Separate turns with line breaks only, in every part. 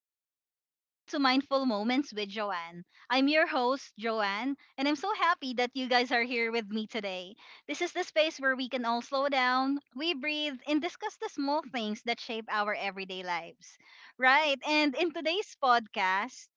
everyone, and welcome to Mindful Moments with Joanne. I'm your host, Joanne, and I'm so happy that you guys are here with me today. This is the space where we can all slow down, we breathe, and discuss the small things that shape our everyday lives. Right, and in today's podcast,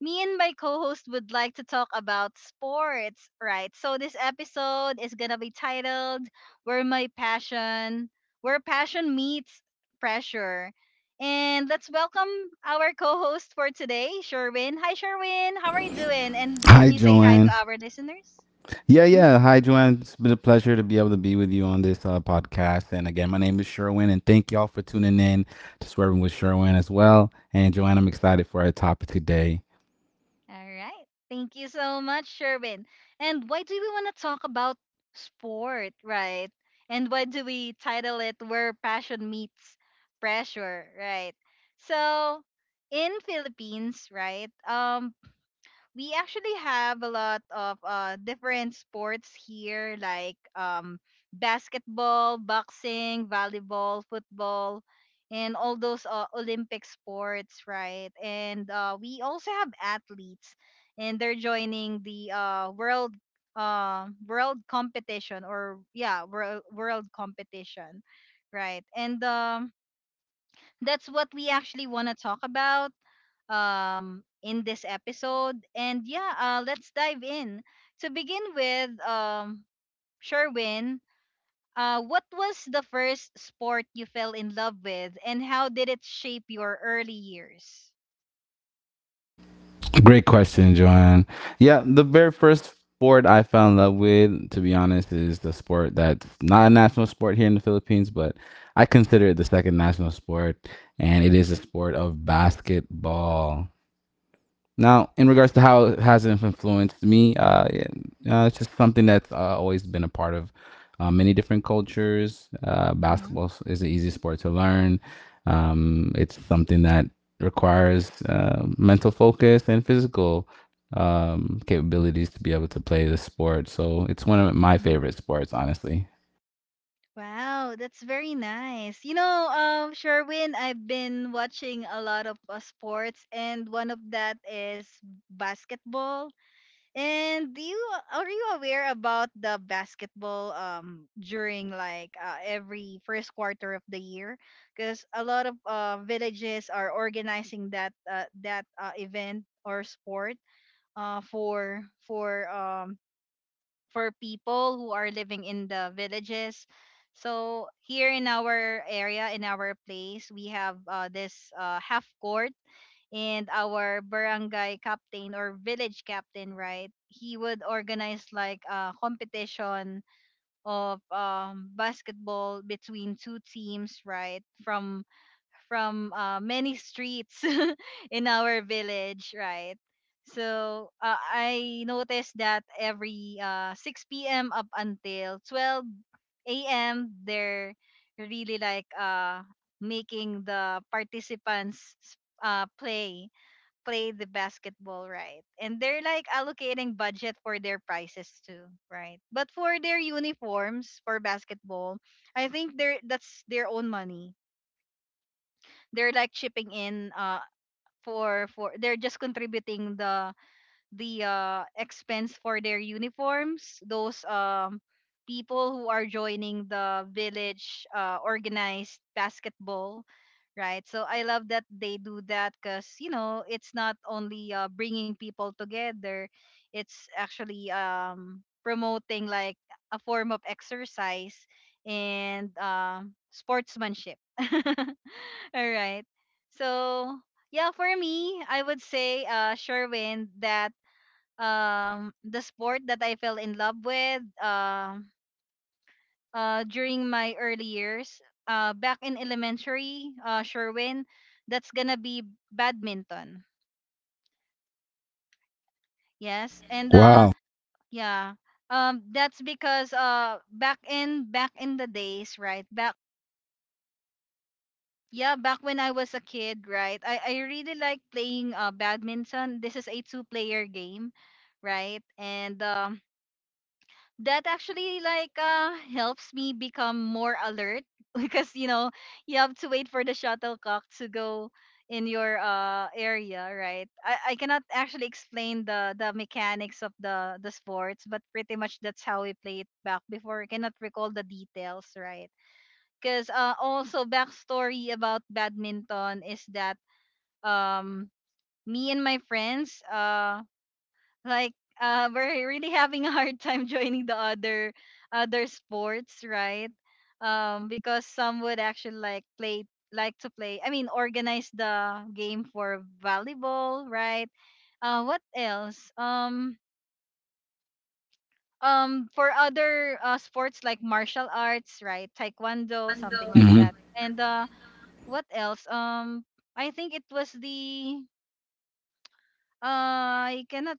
me and my co-host would like to talk about sports, right? So this episode is gonna be titled "Where Passion Meets Pressure," and let's welcome our co-host for today, Sherwin. Hi, Sherwin. How are you doing? And can
Hi,
you say hi to
Joanne.
our listeners?
Yeah, yeah. Hi, Joanne. It's been a pleasure to be able to be with you on this podcast. And again, my name is Sherwin, and thank y'all for tuning in to Swerving with Sherwin as well. And Joanne, I'm excited for our topic today.
All right. Thank you so much, Sherwin. And why do we want to talk about sport, right? And why do we title it Where Passion Meets Pressure, right? So, in Philippines, right? We actually have a lot of different sports here like basketball, boxing, volleyball, football and all those Olympic sports, right? And we also have athletes and they're joining the world competition or yeah, world competition, right? And that's what we actually want to talk about in this episode. And yeah, let's dive in. To begin with, Sherwin, what was the first sport you fell in love with, and how did it shape your early years?
Great question, Joanne. Yeah, the very first sport I fell in love with, to be honest, is the sport that's not a national sport here in the Philippines, but I consider it the second national sport, and it is a sport of basketball. Now, in regards to how it
Basketball.
has influenced me, it's just something that's always been a part of many different cultures.
Hmm.
Basketball is an easy sport to learn. It's something that requires mental focus and physical capabilities to be able to play the sport. So it's one of my
Hmm.
favorite sports, honestly.
Wow, that's very nice. You know, Sherwin, I've been watching a lot of sports, and one of that is basketball. And do you are you aware about the basketball during like every first quarter of the year? Because a lot of villages are organizing that event or sport for for um for people who are living in the villages. So here in our area in our place we have this half court, and our barangay captain or village captain, right, he would organize like a competition of basketball between two teams, right, from many streets in our village, right? So I noticed that every 6 p.m. up until 12 a.m. they're really like making the participants uh, play play the basketball, right? And they're like allocating budget for their prices too, right? But for their uniforms for basketball I think they're that's their own money. They're like chipping in for they're just contributing the the expense for their uniforms. Those people who are joining the village organized basketball, right? So I love that they do that because you know it's not only bringing people together; it's actually promoting like a form of exercise and sportsmanship. All right. So yeah, for me, I would say, Sherwin, that the sport that I fell in love with during my early years back in elementary, Sherwin, that's gonna be badminton. Yes, and
Wow.
yeah that's because back in the days, right? Back when I was a kid, right, I really like playing badminton. This is a two player game, right? And that actually like helps me become more alert because you know you have to wait for the shuttlecock to go in your area, right? I cannot actually explain the mechanics of the sports, but pretty much that's how we played back before. I cannot recall the details, right? Because also backstory about badminton is that um me and my friends like we're really having a hard time joining the other sports, right? Because some would actually like play like to play, I mean organize the game for volleyball, right? What else For other sports like martial arts, right, taekwondo, something like
Hmm.
that. And what else I think it was the I cannot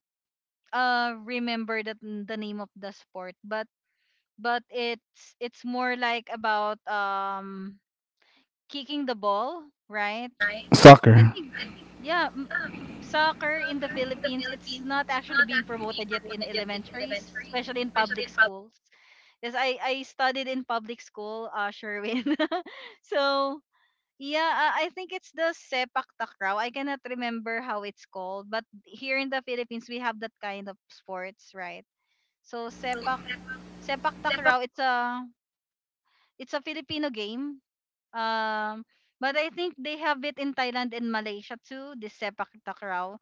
remember the name of the sport, but it's more like about kicking the ball, right? I
Soccer.
think yeah, soccer in the Philippines it's not actually being promoted yet in elementaries, especially in public schools. Because I studied in public school, Sherwin. So yeah, I think it's the sepak takraw. I cannot remember how it's called, but here in the Philippines we have that kind of sports, right? So sepak takraw, it's a Filipino game. Um, but I think they have it in Thailand and Malaysia too, this sepak takraw.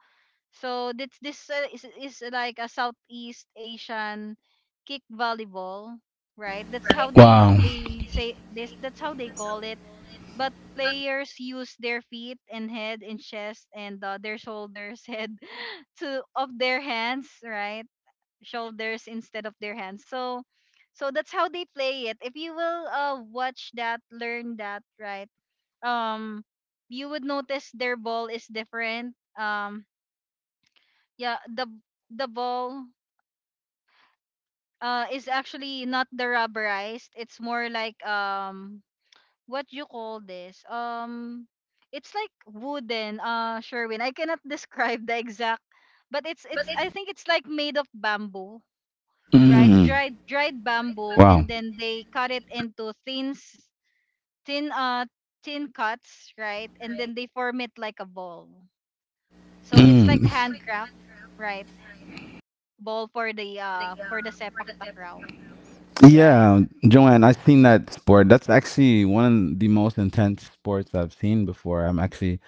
So this is like a Southeast Asian kick volleyball, right? That's how
Wow.
they say this. That's how they call it. But players use their feet and head and chest and their shoulders, head to of their hands, right? shoulders instead of their hands. So that's how they play it. If you will watch that, learn that, right? Um you would notice their ball is different. Yeah, the ball is actually not the rubberized. It's more like what you call this? It's like wooden, Sherwin. I cannot describe the exact, but it's I think it's like made of bamboo, right?
Mm.
Dried bamboo, and
Wow.
then they cut it into thin s- thin thin cuts, right? And then they form it like a ball. So it's like
Mm.
handcraft, right? Ball for the sepak takraw, right?
Yeah, Joanne, I've seen that sport. That's actually one of the most intense sports I've seen before. I'm actually,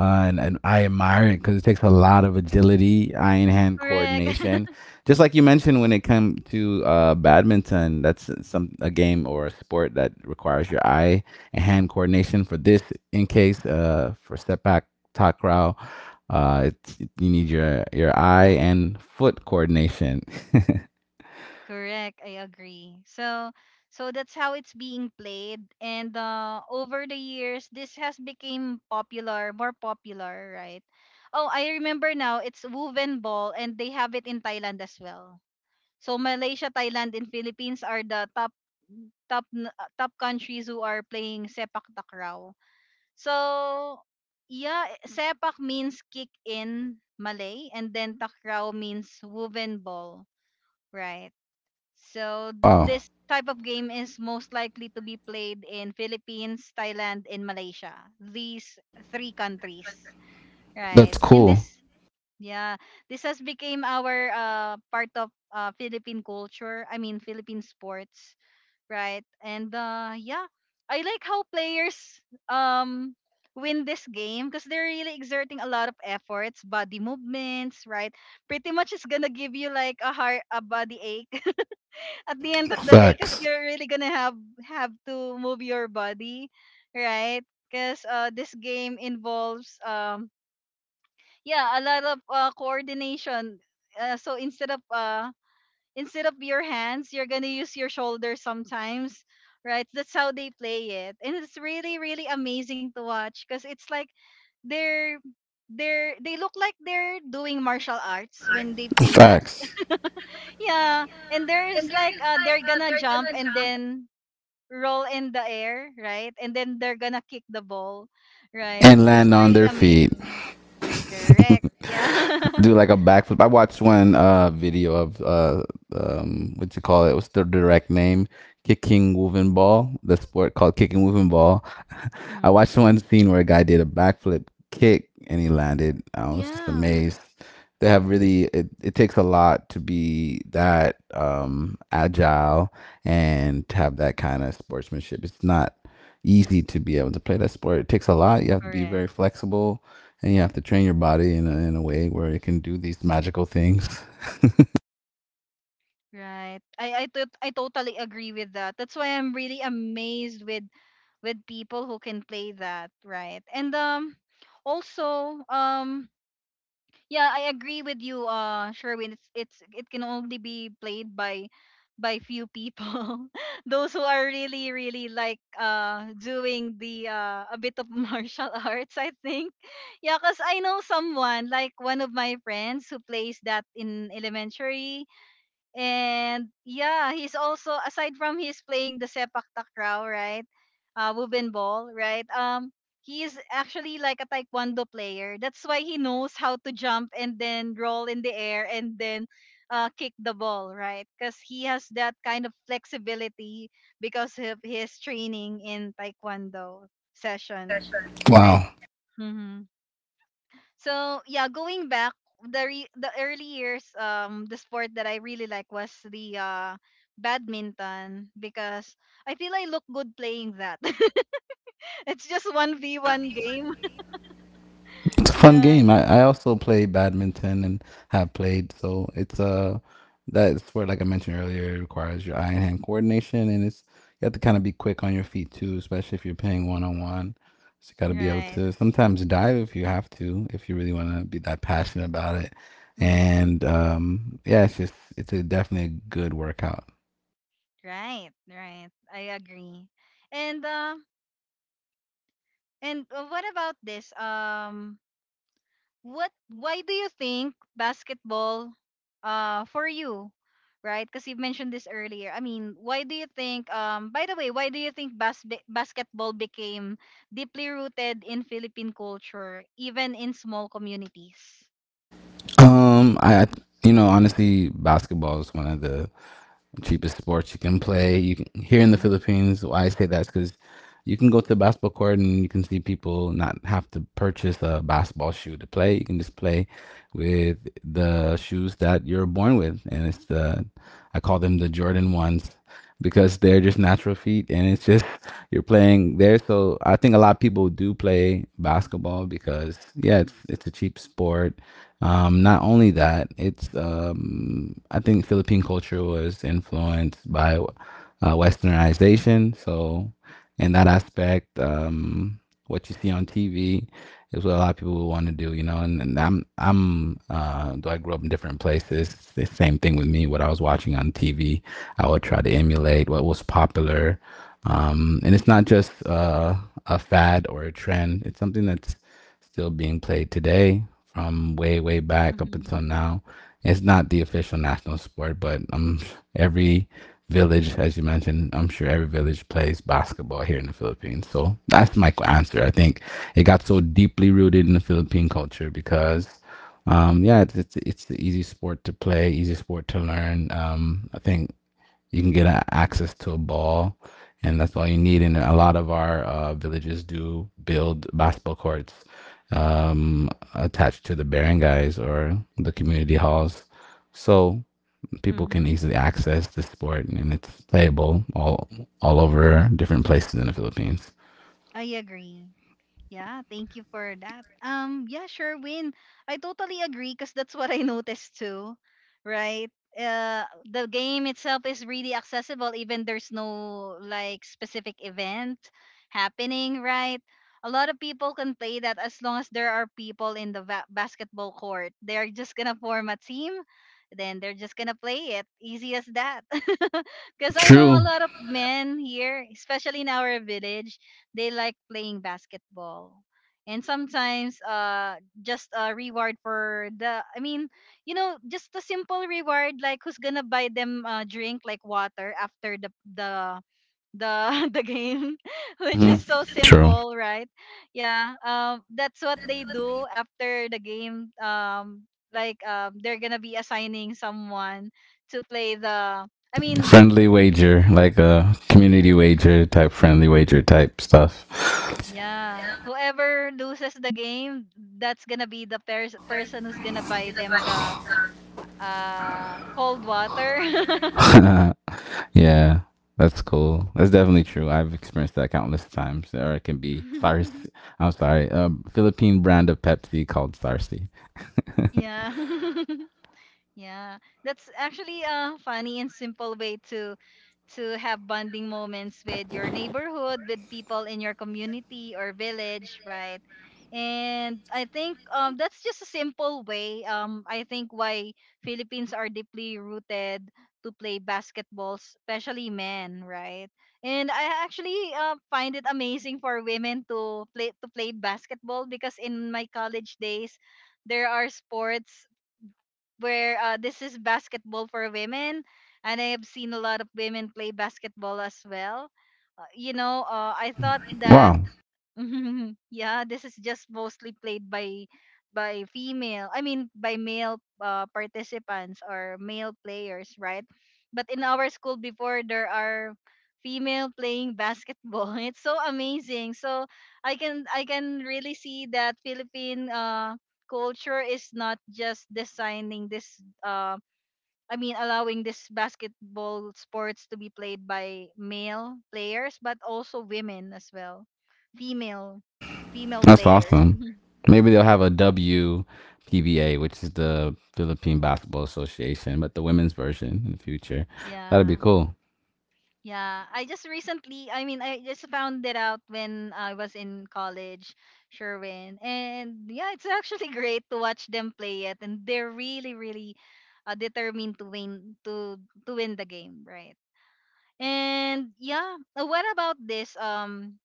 and I admire it because it takes a lot of agility, eye and hand
Correct.
coordination. Just like you mentioned, when it comes to badminton, that's some a game or a sport that requires your eye and hand coordination. For this, in case for step back takraw, you need your eye and foot coordination.
Correct. I agree. So that's how it's being played, and over the years, this has become more popular, right? Oh, I remember now. It's woven ball, and they have it in Thailand as well. So Malaysia, Thailand, and Philippines are the top top countries who are playing sepak takraw. So yeah, sepak means kick in Malay, and then takraw means woven ball, right? So
Wow,
this type of game is most likely to be played in Philippines, Thailand, and Malaysia. These three countries, right?
that's
And
cool.
yeah, this has became our part of Philippine culture. I mean, Philippine sports, right? And yeah, I like how players um win this game because they're really exerting a lot of efforts, body movements, right? Pretty much it's gonna give you like a body ache at the end of the day because
Facts.
you're really gonna have to move your body, right? Because this game involves yeah, a lot of coordination. Uh, so instead of uh, Instead of your hands, you're gonna use your shoulders sometimes, right? That's how they play it, and it's really amazing to watch because it's like they're they look like they're doing martial arts when they play that.
Facts.
Yeah, and there's like they're gonna jump and then roll in the air, right? And then they're gonna kick the ball, right?
And
It's
land on
really
their feet.
amazing. Correct. Yeah.
Do like a backflip. I watched one video of what you call it? What's the direct name? Kicking woven ball. The sport called kicking woven ball. I
Hmm.
watched one scene where a guy did a backflip kick and he landed. I was just
Yeah,
amazed. They have really it, it takes a lot to be that agile and to have that kind of sportsmanship. It's not easy to be able to play that sport. It takes a lot. You have to be
correct.
very flexible, and you have to train your body in a way where it can do these magical things.
Right. I totally agree with that. That's why I'm really amazed with people who can play that, right? And also yeah, I agree with you, Sherwin. It's it can only be played by few people. Those who are really really like doing the a bit of martial arts, I think. Yeah, cuz I know someone like one of my friends who plays that in elementary. And yeah, he's also aside from he's playing the sepak takraw, right? Wuben ball, right? He is actually like a taekwondo player. That's why he knows how to jump and then roll in the air and then kick the ball, right? Because he has that kind of flexibility because of his training in taekwondo session, right?
Wow.
Mm-hmm. So yeah, going back, the early years, the sport that I really like was the badminton because I feel I look good playing that. It's just one v one game.
It's a fun
Yeah.
game. I also play badminton and have played, so it's that's where, like I mentioned earlier, it requires your eye and hand coordination, and it's you have to kind of be quick on your feet too, especially if you're playing one on one. So you got to be able
Right.
to sometimes dive if you have to, if you really want to be that passionate about it.
Mm-hmm.
And yeah, it's just it's a definitely a good workout.
Right. Right. I agree. And uh, and What about this? What Why do you think basketball for you, right? Because you mentioned this earlier. I mean, why do you think, by the way, why do you think basketball became deeply rooted in Philippine culture even in small communities?
Um I I- Honestly, basketball is one of the cheapest sports you can play. You can here in the
Mm-hmm.
Philippines. Why I say that is because you can go to a basketball court and you can see people not have to purchase a basketball shoe to play. You can just play with the shoes that you're born with, and it's the I call them the Jordan ones because they're just natural feet and it's just you're playing there. So I think a lot of people do play basketball because yeah, it's a cheap sport. Not only that, it's I think Philippine culture was influenced by Westernization. So in that aspect. What you see on TV is what a lot of people would want to do. And, and though I grew up in different places, it's the same thing with me. What I was watching on TV, I would try to emulate what was popular. And it's not just a fad or a trend, it's something that's still being played today from way, way back up
Mm-hmm.
until now. It's not the official national sport, but every village, as you mentioned, I'm sure every village plays basketball here in the Philippines. So that's my answer. I think it got so deeply rooted in the Philippine culture because, yeah, it's the easy sport to play, easy sport to learn. I think you can get access to a ball, and that's all you need. And a lot of our villages do build basketball courts, um, attached to the barangays or the community halls, so people can
Mm-hmm.
easily access the sport, and it's playable all over different places in the Philippines.
I agree. Yeah, thank you for that. Yeah, sure, Win. I totally agree because that's what I noticed too, right? Uh, the game itself is really accessible, even there's no like specific event happening, right? A lot of people can play that as long as there are people in the basketball court. They're just gonna form a team, then they're just gonna play it. Easy as that. Because I know
True.
a lot of men here, especially in our village, they like playing basketball and sometimes just a reward for the just a simple reward, like who's gonna buy them a drink like water after the the game which
Hmm.
is so
True.
simple, right? Yeah, that's what they do after the game. Like they're gonna be assigning someone to play the.
Friendly wager, like a community wager type, friendly wager type stuff.
yeah. Whoever loses the game, that's gonna be the person who's gonna buy them the cold water.
Yeah, that's cool. That's definitely true. I've experienced that countless times. Or it can be Sars. I'm sorry, Philippine brand of Pepsi called Sarsi.
Yeah. Yeah, that's actually a funny and simple way to have bonding moments with your neighborhood, with people in your community or village, right? And I think that's just a simple way. I think why Philippines are deeply rooted to play basketball, especially men, right? And I actually find it amazing for women to play basketball, because in my college days, there are sports where, this is basketball for women, and I have seen a lot of women play basketball as well. I thought that
Wow,
yeah, this is just mostly played by female. I mean by male participants or male players, right? But in our school before, there are female playing basketball. It's so amazing. So I can really see that Philippine culture is not just designing this allowing this basketball sports to be played by male players, but also women as well, female, female
that's
players.
awesome. Maybe they'll have a WPBA, which is the Philippine Basketball Association, but the women's version in the future. That'd be
Yeah,
cool.
yeah. I just recently, I mean, I just found it out when I was in college, Sherwin, and yeah, it's actually great to watch them play it, and they're really, really determined to win, to win the game, right? And yeah, what about this?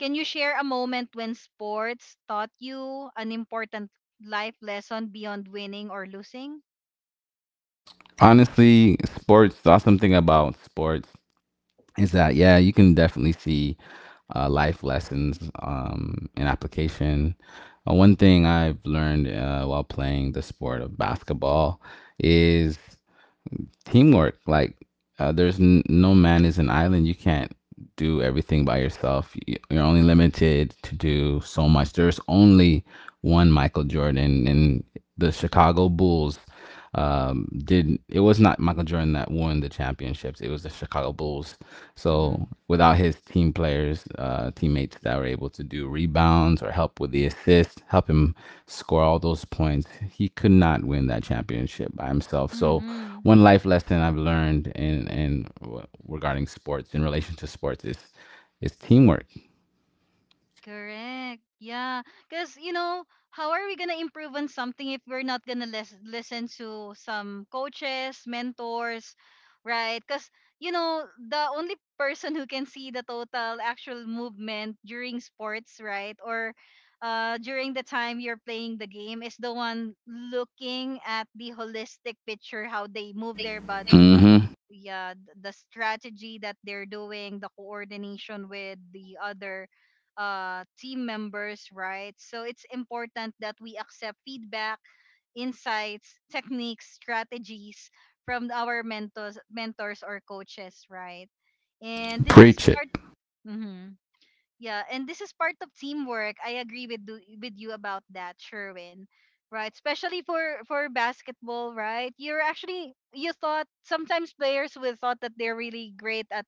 Can you share a moment when sports taught you an important life lesson beyond winning or losing?
Honestly, sports. The awesome thing about sports is that, yeah, you can definitely see life lessons in application. One thing I've learned while playing the sport of basketball is teamwork. Like, there's no man is an island. You can't do everything by yourself. You're only limited to do so much. There's only one Michael Jordan, and the Chicago Bulls did It was not Michael Jordan that won the championships. It was the Chicago Bulls.
Mm-hmm.
So without his team players, teammates that were able to do rebounds or help with the assist, help him score all those points, he could not win that championship by himself. So
Mm-hmm.
one life lesson I've learned in regarding sports, in relation to sports, is teamwork.
Correct. Yeah. Because, you know, how are we going to improve on something if we're not going to listen to some coaches, mentors, right? Because, you know, the only person who can see the total actual movement during sports, right? Or during the time you're playing the game is the one looking at the holistic picture, how they move their body.
Hmm.
Yeah, the strategy that they're doing, the coordination with the other team members, right? So it's important that we accept feedback, insights, techniques, strategies from our mentors or coaches, right? And this is
Preach it.
part. Mhm. Yeah, and this is part of teamwork. I agree with you about that, Sherwin. Right, especially for basketball, right? You're actually you thought sometimes players will thought that they're really great at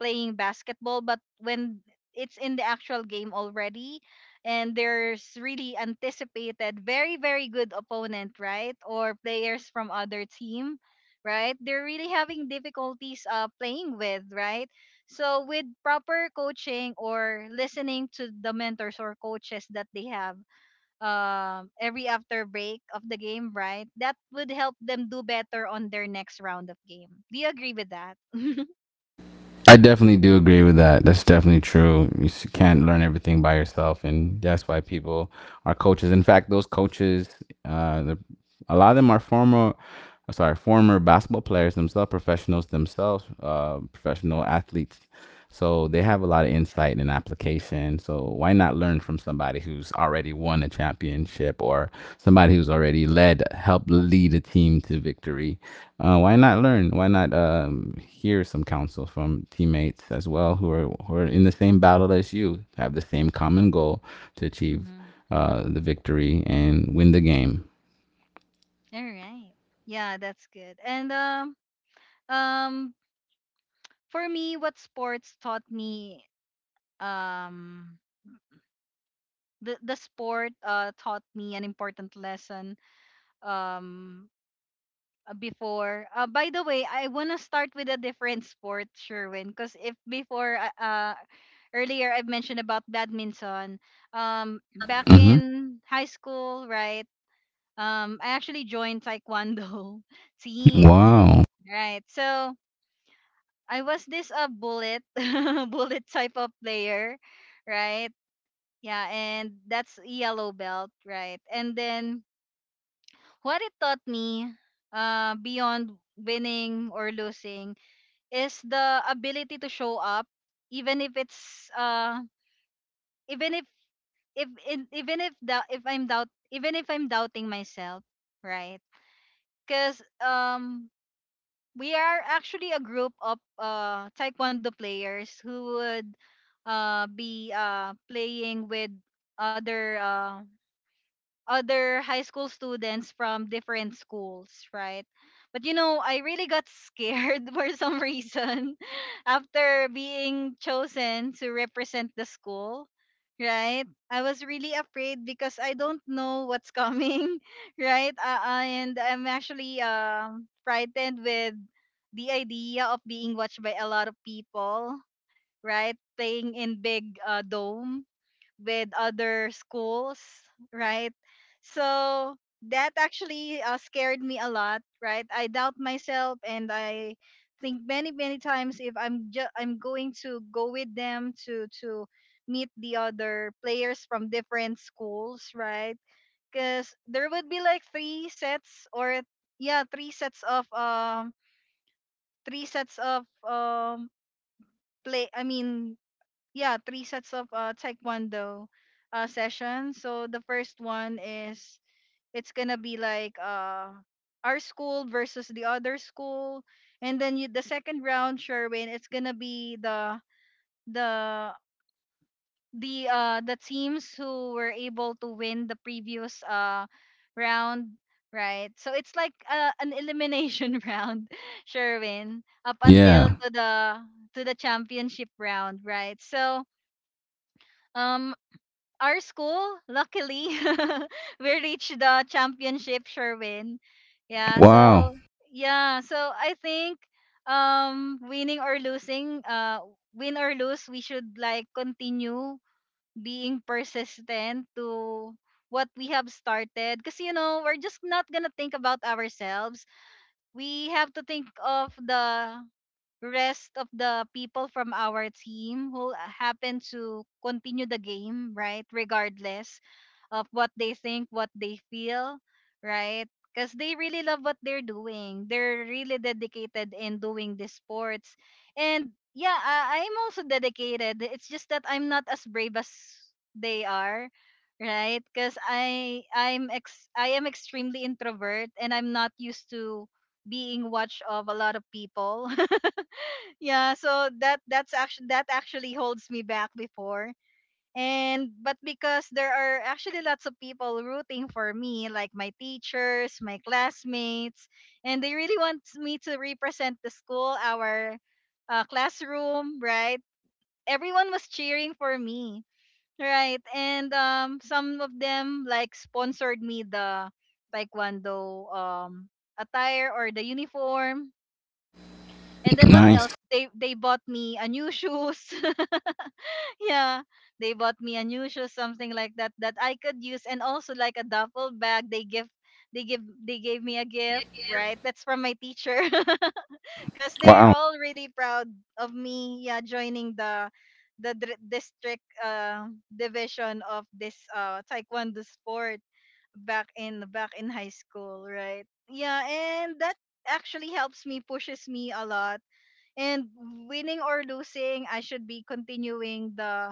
playing basketball, but when it's in the actual game already, and there's really anticipated very good opponent, right, or players from other team, right, they're really having difficulties playing with, right? So with proper coaching or listening to the mentors or coaches that they have every after break of the game, right? That would help them do better on their next round of game. Do you agree with that?
I definitely do agree with that. That's definitely true. You can't learn everything by yourself, and that's why people are coaches. In fact, those coaches, uh, the, a lot of them are former, sorry, former basketball players themselves, professionals themselves, professional athletes. So they have a lot of insight and application. So why not learn from somebody who's already won a championship, or somebody who's already helped lead a team to victory? Why not learn? Why not hear some counsel from teammates as well, who are in the same battle as you, have the same common goal to achieve
Mhm.
the victory and win the game.
All right. Yeah, that's good. And um for me, what sports taught me, um the sport taught me an important lesson. Um before By the way, I want to start with a different sport, Sherwin, because if before earlier I've mentioned about badminton, back
Hmm.
in high school, right? I actually joined taekwondo team,
Wow.
right? So I was this a bullet bullet type of player, right? Yeah, and that's yellow belt, right? And then what it taught me beyond winning or losing is the ability to show up, even if it's even if in, even if the if I'm doubt even if I'm doubting myself, right? Cuz we are actually a group of taekwondo players who would be playing with other uh other high school students from different schools, right? But you know, I really got scared for some reason after being chosen to represent the school, right? I was really afraid because I don't know what's coming, right? And I'm actually frightened with the idea of being watched by a lot of people, right? Playing in big dome with other schools, right? So that actually scared me a lot, right? I doubt myself, and I think many times if I'm going to go with them to meet the other players from different schools, right? Because there would be like three sets, or yeah, three sets of play. I mean yeah three sets of taekwondo sessions. So the first one is it's gonna be like our school versus the other school, and then you, the second round, Sherwin, it's gonna be the the teams who were able to win the previous round, right? So it's like an elimination round, Sherwin, up until
Yeah.
to the championship round, right? So um our school, luckily, we reached the championship, Sherwin. Yeah,
Wow.
so yeah, so I think um winning or losing, uh win or lose, we should like continue being persistent to what we have started, because you know, we're just not gonna think about ourselves. We have to think of the rest of the people from our team who happen to continue the game, right? Regardless of what they think, what they feel, right? Because they really love what they're doing. They're really dedicated in doing the sports. And yeah, I'm also dedicated. It's just that I'm not as brave as they are, right? Because I I'm ex I am extremely introvert and I'm not used to being watched of a lot of people. Yeah, so that's actually that actually holds me back before. And but because there are actually lots of people rooting for me, like my teachers, my classmates, and they really want me to represent the school, our classroom, right? Everyone was cheering for me, right? And some of them like sponsored me the taekwondo attire or the uniform, and then what
Nice.
else? They bought me a new shoes. Yeah. They bought me a new shoes, something like that that I could use, and also like a duffel bag. They give they gave me a gift, right? That's from my teacher. Cuz they're
Wow.
all really proud of me, yeah, joining the district division of this taekwondo sport, back in high school, right? Yeah, and that actually helps me pushes me a lot, and winning or losing, I should be continuing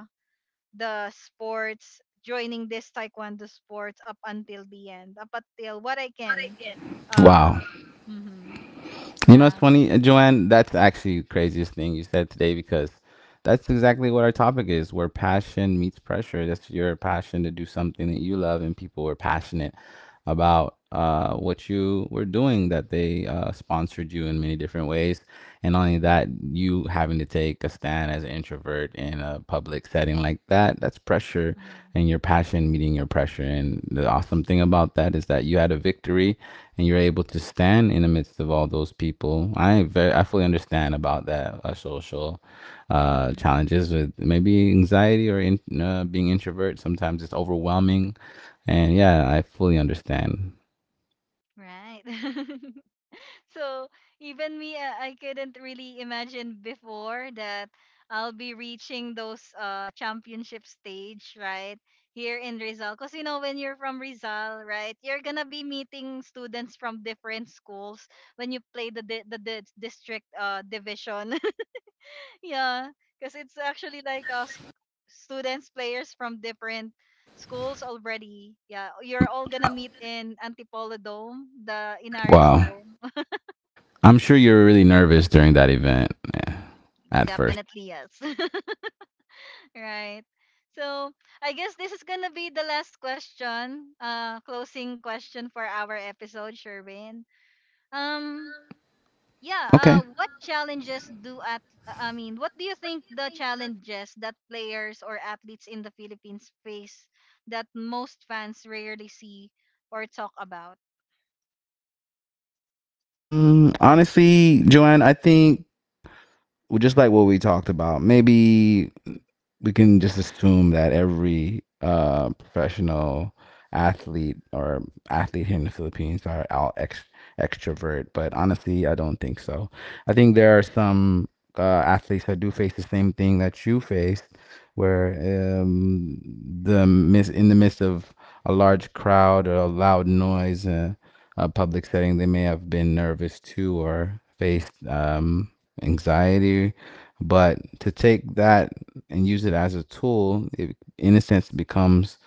the sports, joining this taekwondo sports up until the end, up until what I can. uh
Wow.
mhm.
You know, it's
Yeah.
funny, Joanne. That's actually the craziest thing you said today because that's exactly what our topic is, where passion meets pressure. That's your passion to do something that you love, and people were passionate about what you were doing, that they sponsored you in many different ways. And not only that,
Mhm.
you having to take a stand as an introvert in a public setting like that, that's pressure,
mhm,
and your passion meeting your pressure. And the awesome thing about that is that you had a victory, and you're able to stand in the midst of all those people. I fully understand about that social
mhm.
challenges with maybe anxiety or being introvert. Sometimes it's overwhelming, and yeah, I fully understand.
Right. So even me, I couldn't really imagine before that I'll be reaching those championship stage, right, here in Rizal. Cause you know when you're from Rizal, right, you're gonna be meeting students from different schools when you play the district division. Yeah, cause it's actually like students players from different schools already. Yeah, you're
I'm
all gonna meet in Antipolo Dome, the Inaris
Wow.
Dome.
I'm sure you're really nervous during that event, eh, at first.
Definitely yes. Right. So I guess this is gonna be the last question, closing question for our episode, Sherwin. Um, yeah.
Okay.
What challenges do at? I mean, what do you think the challenges that players or athletes in the Philippines face that most fans rarely see or talk about?
Honestly, Joanne, I think, well, just like what we talked about, maybe we can just assume that every professional athlete, or athlete here in the Philippines, are out extrovert, but honestly, I don't think so. I think there are some athletes that do face the same thing that you faced, where um, in the midst of a large crowd or a loud noise. A public setting, they may have been nervous too, or faced anxiety. But to take that and use it as a tool, it, in a sense, becomes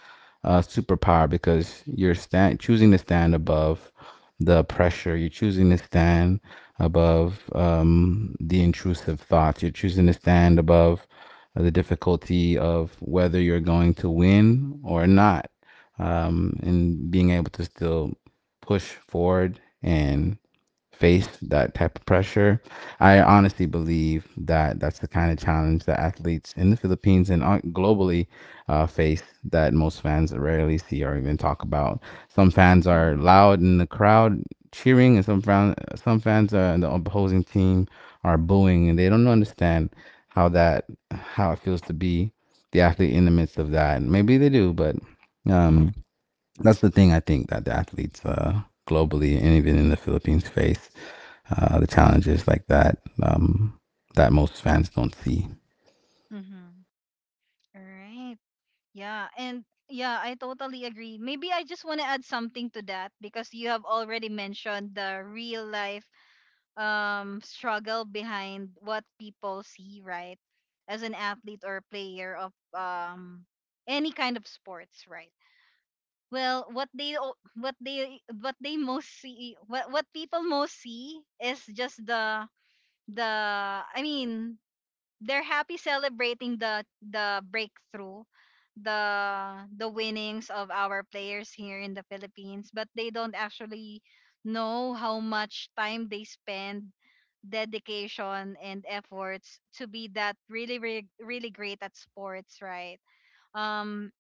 a superpower because you're choosing to stand above the pressure, you're choosing to stand above the intrusive thoughts, you're choosing to stand above the difficulty of whether you're going to win or not, and being able to still push forward and face that type of pressure. I honestly believe that that's the kind of challenge that athletes in the Philippines and globally face that most fans rarely see or even talk about. Some fans are
Mm-hmm.
loud in the crowd cheering, and some fans in the opposing team are booing, and they don't understand how that how it feels to be the athlete in the midst of that. Maybe they do, but um, that's the thing, I think, that the athletes, globally and even in the Philippines, face the challenges like that, that most fans don't see.
Mm-hmm. All right. Yeah, and yeah, I totally agree. Maybe I just want to add something to that, because you have already mentioned the real life struggle behind what people see, right? As an athlete or player of any kind of sports, right? Well, what they most see, what people most see is just the I mean they're happy celebrating the breakthrough, the winnings of our players here in the Philippines, but they don't actually know how much time they spend, dedication and efforts to be that really, really, really great at sports, right? um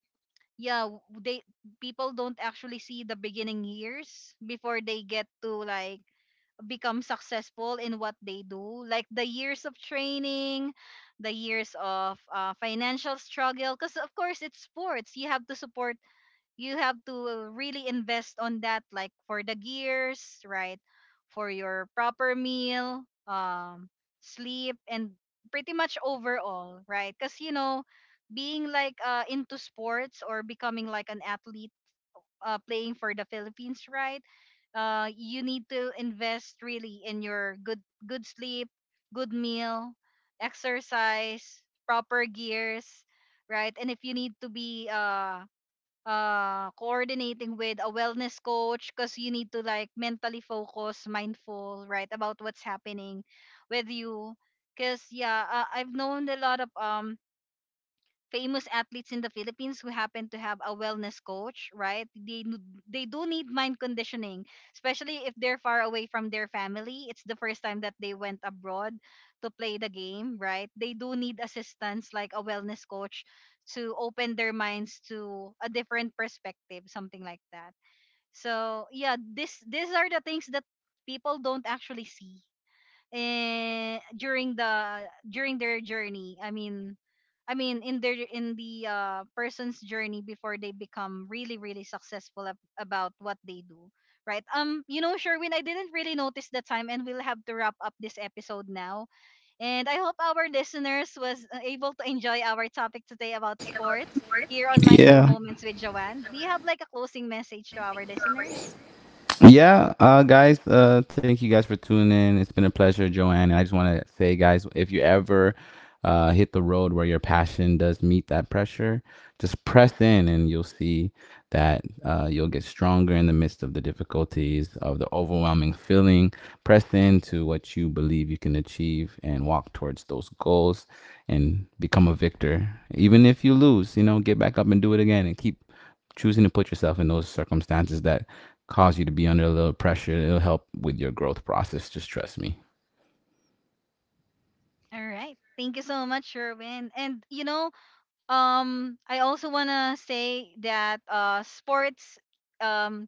yeah w- they People don't actually see the beginning years before they get to like become successful in what they do, like the years of training, the years of financial struggle, because of course it's sports, you have to support, you have to really invest on that, like for the gears, right, for your proper meal, sleep, and pretty much overall, right? Because you know, being like into sports or becoming like an athlete playing for the Philippines, right? You need to invest really in your good sleep, good meal, exercise, proper gears, right? And if you need to be coordinating with a wellness coach, because you need to like mentally focus mindful, right, about what's happening with you. Because yeah, I've known a lot of famous athletes in the Philippines who happen to have a wellness coach, right? They do need mind conditioning, especially if they're far away from their family. It's the first time that they went abroad to play the game, right? They do need assistance, like a wellness coach, to open their minds to a different perspective, something like that. So yeah, this these are the things that people don't actually see, and during the during their journey I mean in their in the person's journey before they become really really successful about what they do, right? You know, Sherwin, I didn't really notice the time, and we'll have to wrap up this episode now, and I hope our listeners was able to enjoy our topic today about sports, here on Mindful
Yeah,
Moments with Joanne. Do you have like a closing message to our listeners?
Yeah, uh, guys, thank you guys for tuning in. It's been a pleasure, Joanne. And I just want to say, guys, if you ever hit the road where your passion does meet that pressure, just press in and you'll see that you'll get stronger in the midst of the difficulties, of the overwhelming feeling. Press into what you believe you can achieve and walk towards those goals and become a victor. Even if you lose, get back up and do it again and keep choosing to put yourself in those circumstances that cause you to be under a little pressure, it'll help with your growth process. Just trust me.
All right, thank you so much, Sherwin. And you know, I also wanna say that sports, um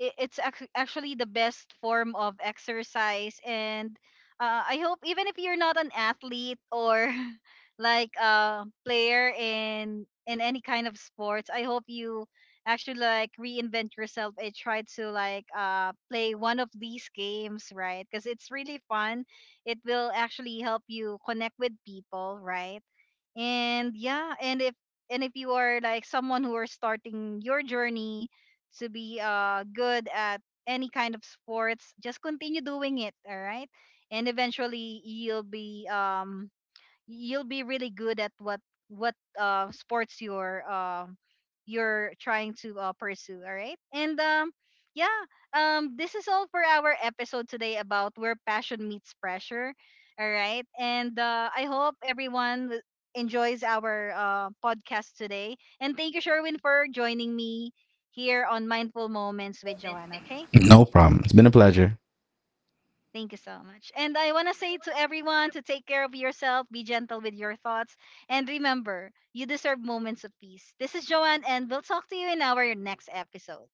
actually the best form of exercise, and I hope even if you're not an athlete or like a player in any kind of sports, I hope you actually like reinvent yourself and try to like play one of these games, right? Because it's really fun, it will actually help you connect with people, right? And yeah, and if you are like someone who are starting your journey to be good at any kind of sports, just continue doing it, all right? And eventually you'll be really good at what sports you're trying to pursue, all right? And yeah, this is all for our episode today about where passion meets pressure, all right? And I hope everyone enjoys our podcast today. And thank you, Sherwin, for joining me here on Mindful Moments with Joanne. Okay.
No problem. It's been a pleasure.
Thank you so much. And I want to say to everyone to take care of yourself, be gentle with your thoughts, and remember, you deserve moments of peace. This is Joanne, and we'll talk to you in our next episode.